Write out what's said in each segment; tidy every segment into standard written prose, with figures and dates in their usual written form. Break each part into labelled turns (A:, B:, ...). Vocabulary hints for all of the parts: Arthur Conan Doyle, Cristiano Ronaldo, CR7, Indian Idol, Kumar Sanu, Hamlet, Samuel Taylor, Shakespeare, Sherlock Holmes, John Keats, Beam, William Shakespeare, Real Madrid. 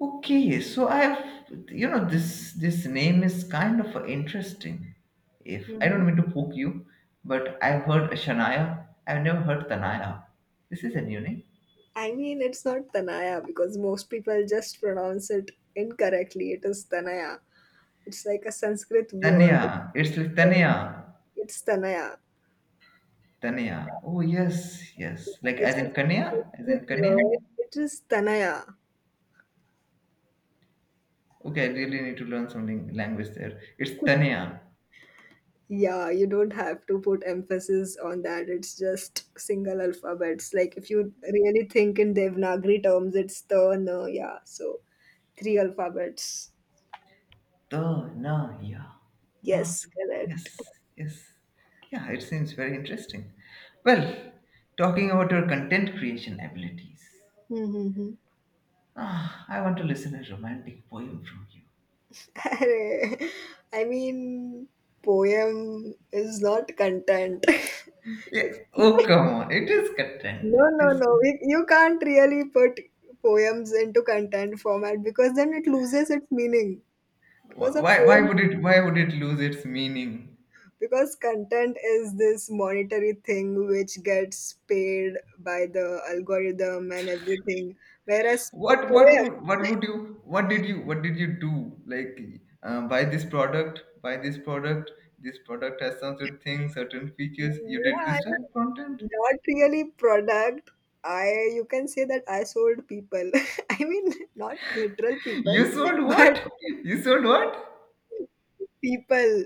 A: Okay, so I have, this name is kind of interesting. If I
B: Mhm.
A: don't mean to poke you, but I've heard Shania. I've never heard Tanaya. This is a new name.
B: I mean, it's not Tanaya because most people just pronounce it incorrectly. It is Tanaya. It's like a Sanskrit word.
A: Tanya. It's like Tanya.
B: It's Tanaya.
A: Tanya. Oh, yes, yes. Like
B: It's
A: as
B: a
A: in Kanya, as in
B: Sanskrit
A: Kanya.
B: word. It is Tanaya.
A: Okay, I really need to learn something language there. It's Tanya.
B: Yeah, you don't have to put emphasis on that. It's just single alphabets. Like if you really think in Devanagari terms, it's the no, yeah. So three alphabets.
A: The, na, yeah. Ah,
B: Yes, correct.
A: yes, yes. Yeah, it seems very interesting. Well, talking about your content creation abilities.
B: Mm-hmm.
A: Ah, I want to listen a romantic poem from you.
B: Arey, I mean, poem is not content.
A: Yeah. Oh, come on. It is content.
B: No,
A: It
B: no,
A: is.
B: no. You can't really put poems into content format because then it loses its meaning. Because a
A: Why? Why
B: poem,
A: would it? Why would it lose its meaning?
B: because content is this monetary thing which gets paid by the algorithm and everything, whereas a
A: What? What
B: poem,
A: would? What would you? What did you? What did you do? Like, buy this product. Buy this product. This product has some certain things, certain
B: yeah,
A: features. You did
B: I
A: this type of content.
B: not really product. I You can say that I sold people. I mean not literal people,
A: You sold
B: but
A: what? You sold what?
B: people.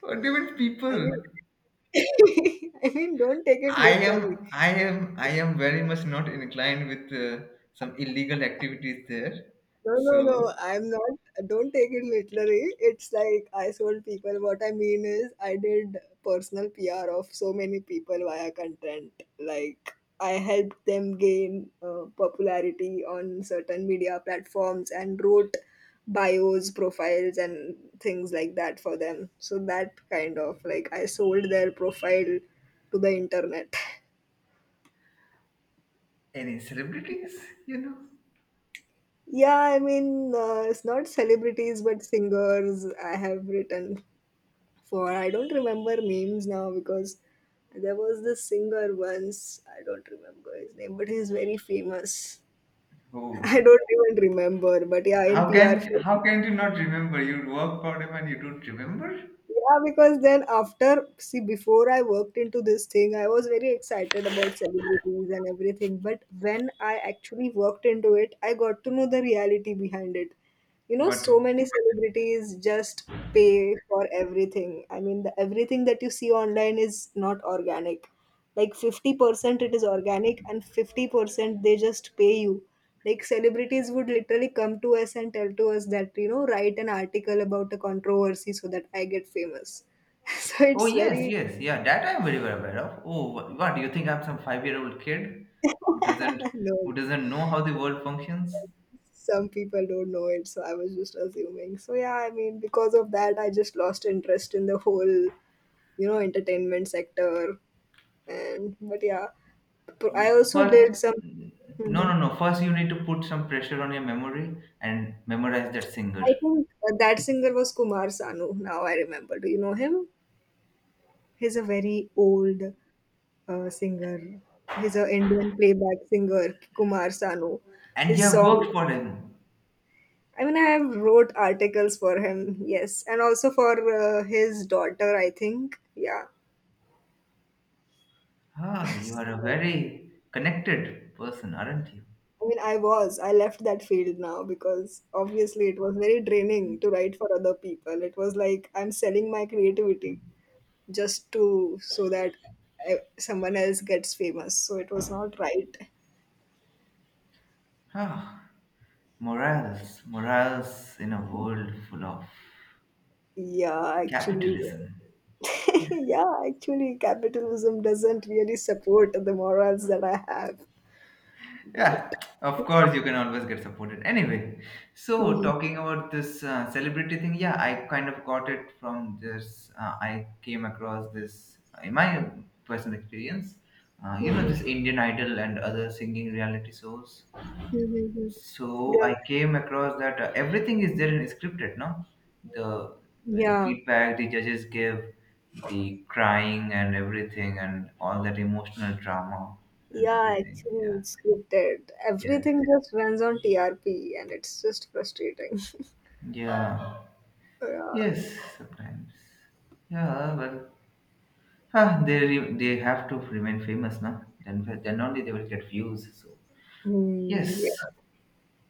A: What do you mean
B: I mean
A: people?
B: I mean don't take it
A: I
B: literally.
A: am, I am, I am very much not inclined with some illegal activities there.
B: No, no, no.
A: So
B: I'm not. Don't take it literally. It's like I sold people. What I mean is, I did personal PR of so many people via content. Like, I helped them gain popularity on certain media platforms and wrote bios, profiles, and things like that for them. So, that kind of like I sold their profile to the internet.
A: any celebrities, you know?
B: Yeah, I mean, it's not celebrities, but singers. I have written for I don't remember names now because there was this singer once. I don't remember his name, but he's very famous. I
A: Who?
B: don't even remember, but yeah, in
A: How
B: PR.
A: can how can you not remember? You work for them and you don't remember?
B: Yeah, because then after, see, before I worked into this thing, I was very excited about celebrities and everything. But when I actually worked into it, I got to know the reality behind it. You know,
A: What?
B: so many celebrities just pay for everything. I mean, everything that you see online is not organic. Like 50% it is organic, and 50% they just pay you. Like celebrities would literally come to us and tell to us that, you know, write an article about a controversy so that I get famous. So
A: Oh,
B: it's
A: yes,
B: very
A: yes, yeah. That I am very well aware of. Oh, what do you think? I'm some 5-year-old kid who doesn't
B: no,
A: who doesn't know how the world functions?
B: some people don't know it, so I was just assuming. So yeah, I mean, because of that, I just lost interest in the whole, you know, entertainment sector. And but yeah, but
A: Yeah,
B: I also
A: first,
B: did some.
A: no,
B: Mhm.
A: no, no. First, you need to put some pressure on your memory and memorize that singer.
B: I think that singer was Kumar Sanu. Now I remember. Do you know him? He's a very old singer. He's a Indian playback singer, Kumar Sanu.
A: And you
B: His
A: have
B: song.
A: worked for him.
B: I mean, I have wrote articles for him. Yes, and also for his daughter, I think. Yeah.
A: Ah, you are a very connected person, aren't you?
B: So, I mean, I was. I left that field now because obviously it was very draining to write for other people. It was like I'm selling my creativity just to, so that someone else gets famous. So it was not right.
A: Ah, morals, morals in a world full of
B: Yeah, actually.
A: capitalism. Yes.
B: Yeah, actually, capitalism doesn't really support the morals that I have. But
A: Yeah, of course, you can always get supported. Anyway, so
B: mhm,
A: talking about this celebrity thing, yeah, I kind of got it from this. I came across this in my personal experience.
B: mhm,
A: This Indian Idol and other singing reality shows.
B: mhm, mhm,
A: So
B: yeah,
A: I came across that everything is there in scripted, no? The
B: yeah,
A: feedback the judges give, the crying and everything, and all that emotional drama and
B: yeah.
A: everything.
B: Actually, it's scripted.
A: Yeah, yes.
B: Everything just runs on TRP, and it's just frustrating.
A: Yeah.
B: Yeah.
A: Yes, sometimes. Yeah, well, they have to remain famous now. Then only they will get views. So
B: Hmm,
A: yes,
B: yeah.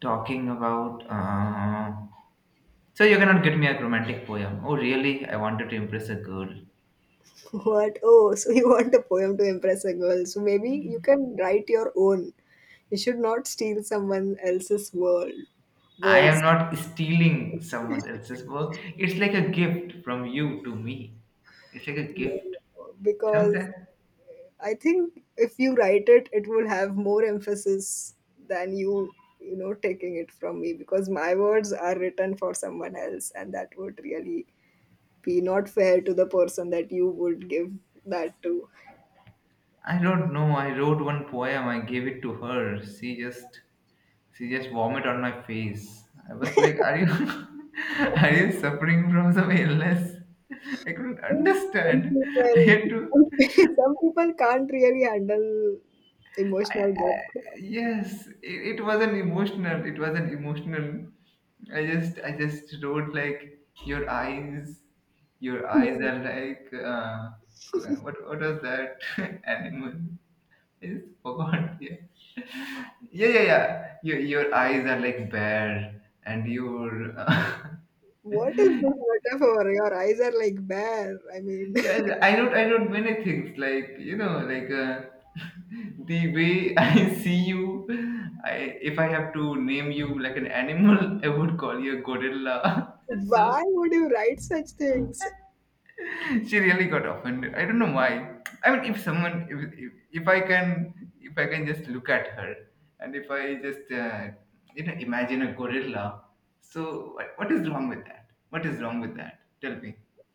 A: talking about. So you cannot get me a romantic poem. Oh, really? I wanted to impress a girl.
B: What? Oh, so you want a poem to impress a girl? So maybe you can write your own. You should not steal someone else's world
A: I am
B: words
A: not stealing someone else's work. It's like a gift from you to me. It's like a gift.
B: because
A: Sometimes.
B: I think if you write it, it will have more emphasis than you, you know, taking it from me because my words are written for someone else, and that would really be not fair to the person that you would give that to.
A: I don't know. I wrote one poem. I gave it to her. She just vomit on my face. I was like, "Are you are you suffering from some illness?" I couldn't
B: I think some
A: understand. I
B: people,
A: had to.
B: some some people can't really handle emotional depth.
A: Yes, it wasn't emotional. It wasn't emotional. I just wrote like your eyes. Your eyes are like what was that animal? It's forgot. Yeah. Yeah, yeah, yeah. Your eyes are like bare, and your
B: What is this metaphor? Your eyes are like bare. I mean,
A: yeah. I wrote many things like like the way I see you. I if I have to name you like an animal, I would call you a gorilla. So
B: why would you write such things?
A: she really got offended. I don't know why. I mean, if, if i can if I can just look at her, and if I just imagine a gorilla, so what is wrong with that, what is wrong with that, tell me?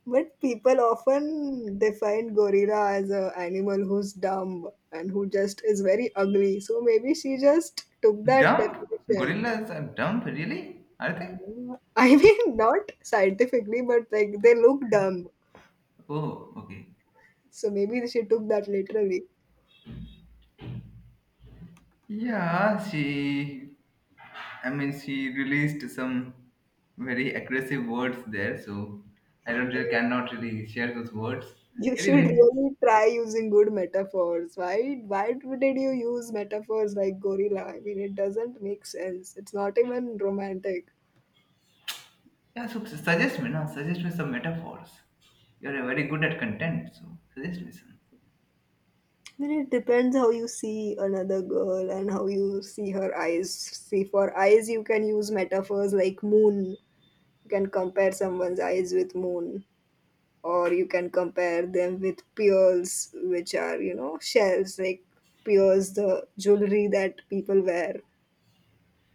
B: But people often define gorilla as a animal who's dumb and who just is very ugly. So maybe she just took that
A: Dumb.
B: definition.
A: Gorillas are dumb, really? Are they?
B: I mean, not scientifically, but like they look dumb.
A: Oh, okay.
B: So maybe she took that literally.
A: Yeah, she, I mean, she released some very aggressive words there. So I don't
B: I
A: really
B: mean,
A: cannot really share those words.
B: you should
A: Anyway.
B: really try using good metaphors. Why? Why did you use metaphors like gorilla? I mean, it doesn't make sense. It's not even romantic.
A: Yeah, so suggest me now. Suggest me some metaphors. You're very good at content, so suggest me some.
B: Then it depends how you see another girl and how you see her eyes. See, for eyes, you can use metaphors like moon. You can compare someone's eyes with moon, or you can compare them with pearls, which are, you know, shells, like pearls, the jewelry that people wear.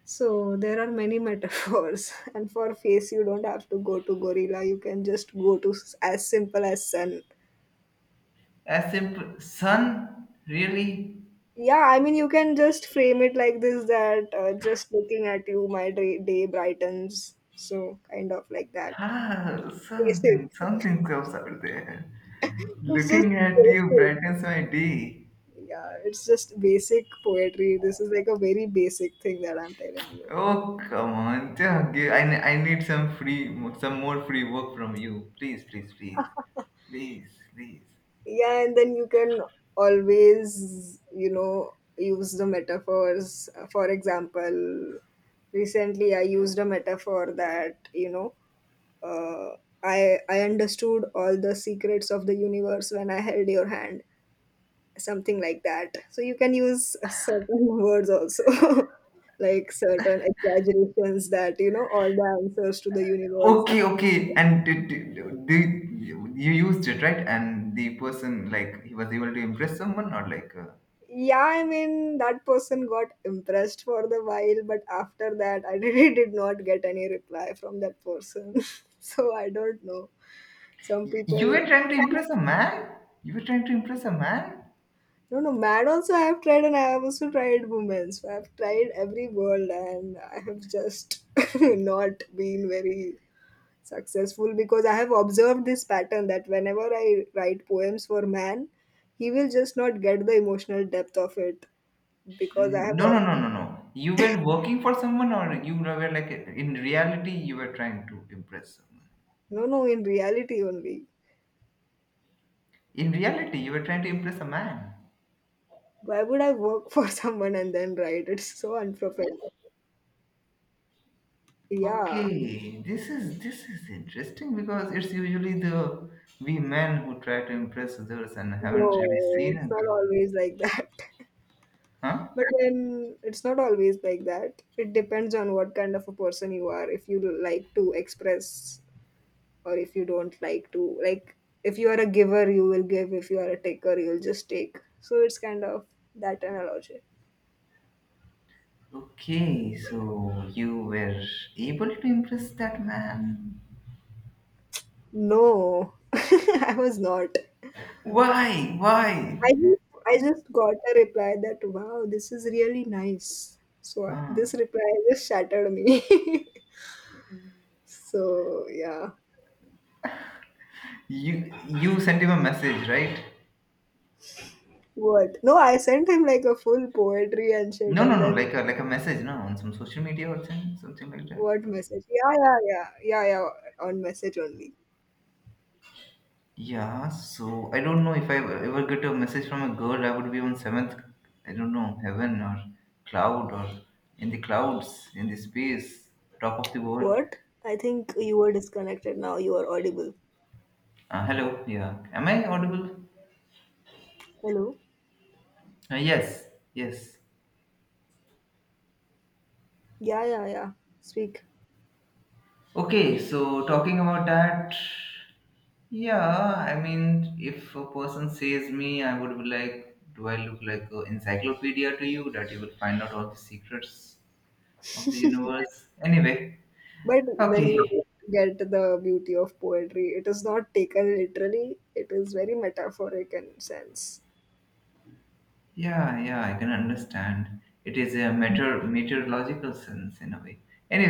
B: So there are many metaphors. And for face, you don't have to go to gorilla. You can just go to as simple as sun.
A: As simple sun, really?
B: Yeah, I mean, you can just frame it like this that just looking at you, day brightens. So, kind of like that.
A: ah
B: Basic.
A: something something comes out there.
B: It's just
A: Looking at you
B: basic.
A: brightens my day.
B: Yeah, it's just basic poetry. This is like a very basic thing that I'm telling you.
A: Oh, come on, yeah, I need some more free work from you. Please, please, please, please, please.
B: Yeah, and then you can always, you know, use the metaphors. For example, recently I used a metaphor that, you know, uh, I understood all the secrets of the universe when I held your hand, something like that. So you can use certain words also, like certain exaggerations that you know all the answers to the universe.
A: Okay, okay. And you used it, right? And the person, like, he was able to impress someone, or like,
B: Yeah, I mean that person got impressed for the while, but after that, I really did not get any reply from that person. So I don't know. Some
A: you
B: people.
A: were trying to impress a man? You were trying to impress a man?
B: No, no, man also I have tried, and I have also tried women. So I have tried every world and I have just not been very successful because I have observed this pattern that whenever I write poems for man, he will just not get the emotional depth of it because I have
A: No, no,
B: observed.
A: no, no, no. You were working for someone, or you were like, in reality, you were trying to impress someone.
B: No, no, in reality only.
A: In reality, you were trying to impress a man.
B: Why would I work for someone and then write? It's so unprofessional. Yeah.
A: Okay, this is interesting because it's usually the we men who try to impress others and haven't
B: No,
A: really seen a
B: it's not
A: girl,
B: always like that.
A: huh?
B: But then it's not always like that. It depends on what kind of a person you are. If you like to express or if you don't like to. Like, if you are a giver, you will give. If you are a taker, you'll just take. So it's kind of that analogy.
A: Okay, so you were able to impress that man.
B: No, I was not.
A: Why? Why?
B: I just, I just got a reply that, wow, this is really nice. So
A: Huh.
B: this reply just shattered me. So, yeah.
A: You sent him a message, right?
B: What? No, I sent him like a full poetry and shit,
A: No, no,
B: and
A: no.
B: then
A: Like a message, no, on some social media or something, something like that.
B: what
A: Or.
B: message? Yeah, yeah, yeah, yeah, yeah. On message only.
A: Yeah. So I don't know if I ever get a message from a girl, I would be on seventh. I don't know, heaven or cloud or in the clouds in the space, top of the world.
B: What? I think you were disconnected. Now you are audible.
A: Hello. Yeah. Am I audible?
B: Hello.
A: Yes. Yes.
B: Yeah, yeah, yeah. Speak.
A: Okay, so talking about that, yeah, I mean, if a person says me, I would be like, do I look like an encyclopedia to you that you will find out all the secrets of the universe? Anyway,
B: But then you
A: okay,
B: get the beauty of poetry. It is not taken literally. It is very metaphoric in sense.
A: yeah, yeah, I can understand. It is a meteorological sense in a way.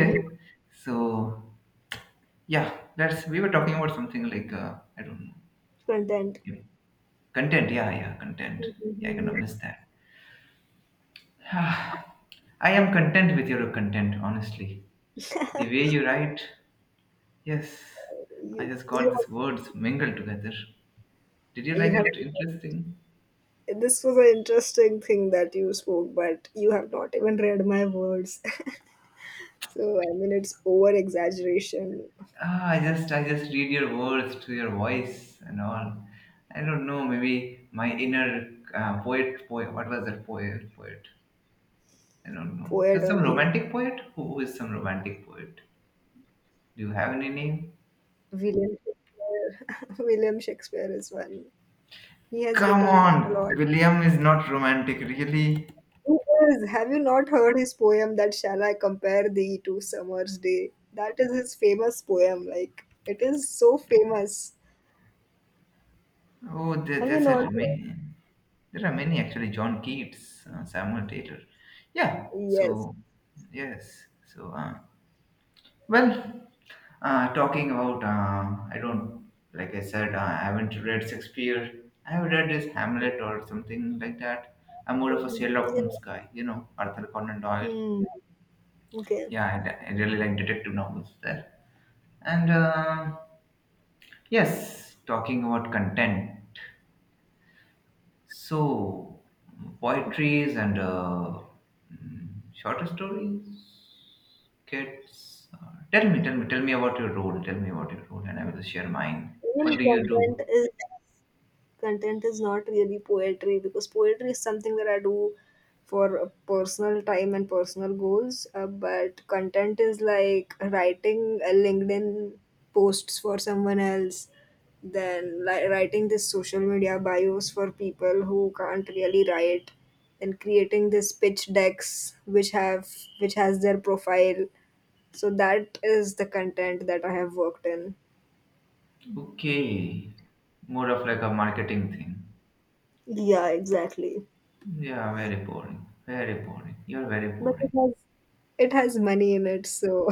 B: Hmm.
A: so yeah, that's we were talking about something like I don't know,
B: Content.
A: yeah, content. Yeah, yeah, content. Yeah, I cannot
B: Mhm.
A: miss that. Ah, I am content with your content, honestly. The way you write, yes, I
B: you,
A: just
B: you,
A: got these words mingled together. Did you
B: you
A: like
B: have.
A: it? Interesting.
B: This was an interesting thing that you spoke, but you have not even read my words. So I mean, it's over exaggeration
A: Ah, I just read your words to your voice and all. I don't know. Maybe my inner poet. What was that poet? Poet. I don't know.
B: poet
A: So some
B: only.
A: romantic poet. Who is some romantic poet? Do you have any name?
B: William Shakespeare, William Shakespeare is one. He has
A: Come
B: written a
A: on,
B: lot.
A: William is not romantic, really.
B: Who is? Have you not heard his poem that shall I compare thee to summer's day? That is his famous poem. Like it is so famous.
A: Oh,
B: Have you
A: that's
B: not heard?
A: at me. There are many, actually. John Keats, Samuel Taylor. Yeah.
B: Yes.
A: So yes. So well, talking about I don't like I said, I haven't read Shakespeare. I have read this Hamlet or something like that. I'm more of a
B: Mhm.
A: Sherlock Holmes
B: Yeah.
A: guy. You know Arthur Conan Doyle.
B: Hmm. Okay.
A: Yeah, I really like detective novels there. And yes, talking about content. So, poetries and shorter stories. Tell me, tell me, tell me about your role. Tell me about your role, and I will share mine.
B: Even
A: What do you do?
B: content is not really poetry because poetry is something that I do for personal time and personal goals. But content is like writing a LinkedIn posts for someone else, then writing this social media bios for people who can't really write, and creating this pitch decks which have which has their profile. So that is the content that I have worked in.
A: Okay, more of like a marketing thing.
B: Yeah, exactly.
A: Yeah, very boring. Very boring. You're very
B: But
A: boring.
B: it has money in it, so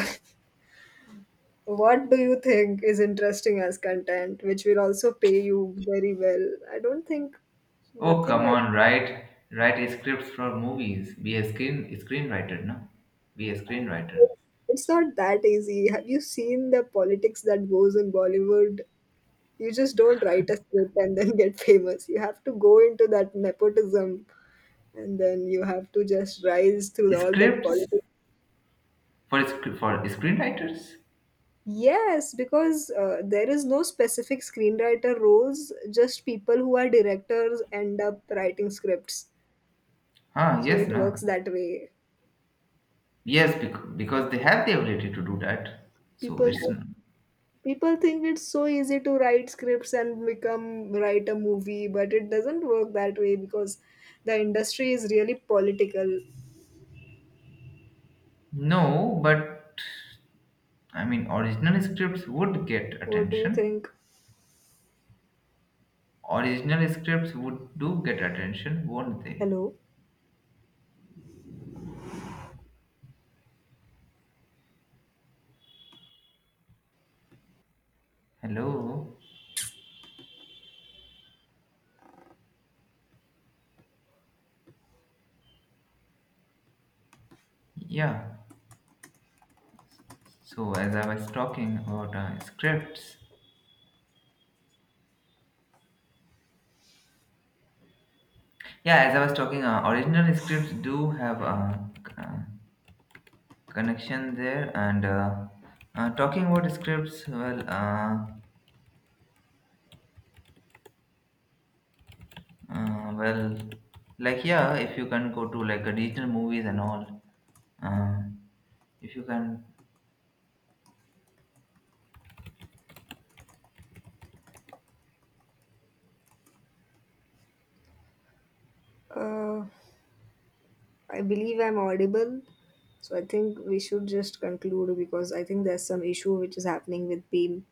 B: what do you think is interesting as content, which will also pay you very well? I don't think
A: Oh,
B: nothing
A: come
B: like
A: on, write scripts for movies. Be a screenwriter, no? Be a screenwriter.
B: it's not that easy. Have you seen the politics that goes in Bollywood? You just don't write a script and then get famous. You have to go into that nepotism and then you have to just rise through all that
A: Scripts
B: politics.
A: for for screenwriters?
B: Yes, because there is no specific screenwriter roles, just people who are directors end up writing scripts.
A: Huh?
B: So
A: Yes,
B: it works
A: no.
B: that way.
A: Yes, because they have the ability to do that. So
B: People
A: it's
B: People think it's so easy to write scripts and become write a movie, but it doesn't work that way because the industry is really political.
A: no, but I mean, original scripts would get
B: What do you
A: attention.
B: think?
A: Original scripts would do get attention, won't they?
B: Hello.
A: Hello? Yeah. So as I was talking about scripts, yeah, as I was talking, original scripts do have a connection there, and talking about scripts, well, like yeah, if you can go to like a regional movies and all, uh, if you can
B: Uh, I believe I'm audible. So I think we should just conclude because I think there's some issue which is happening with Beam.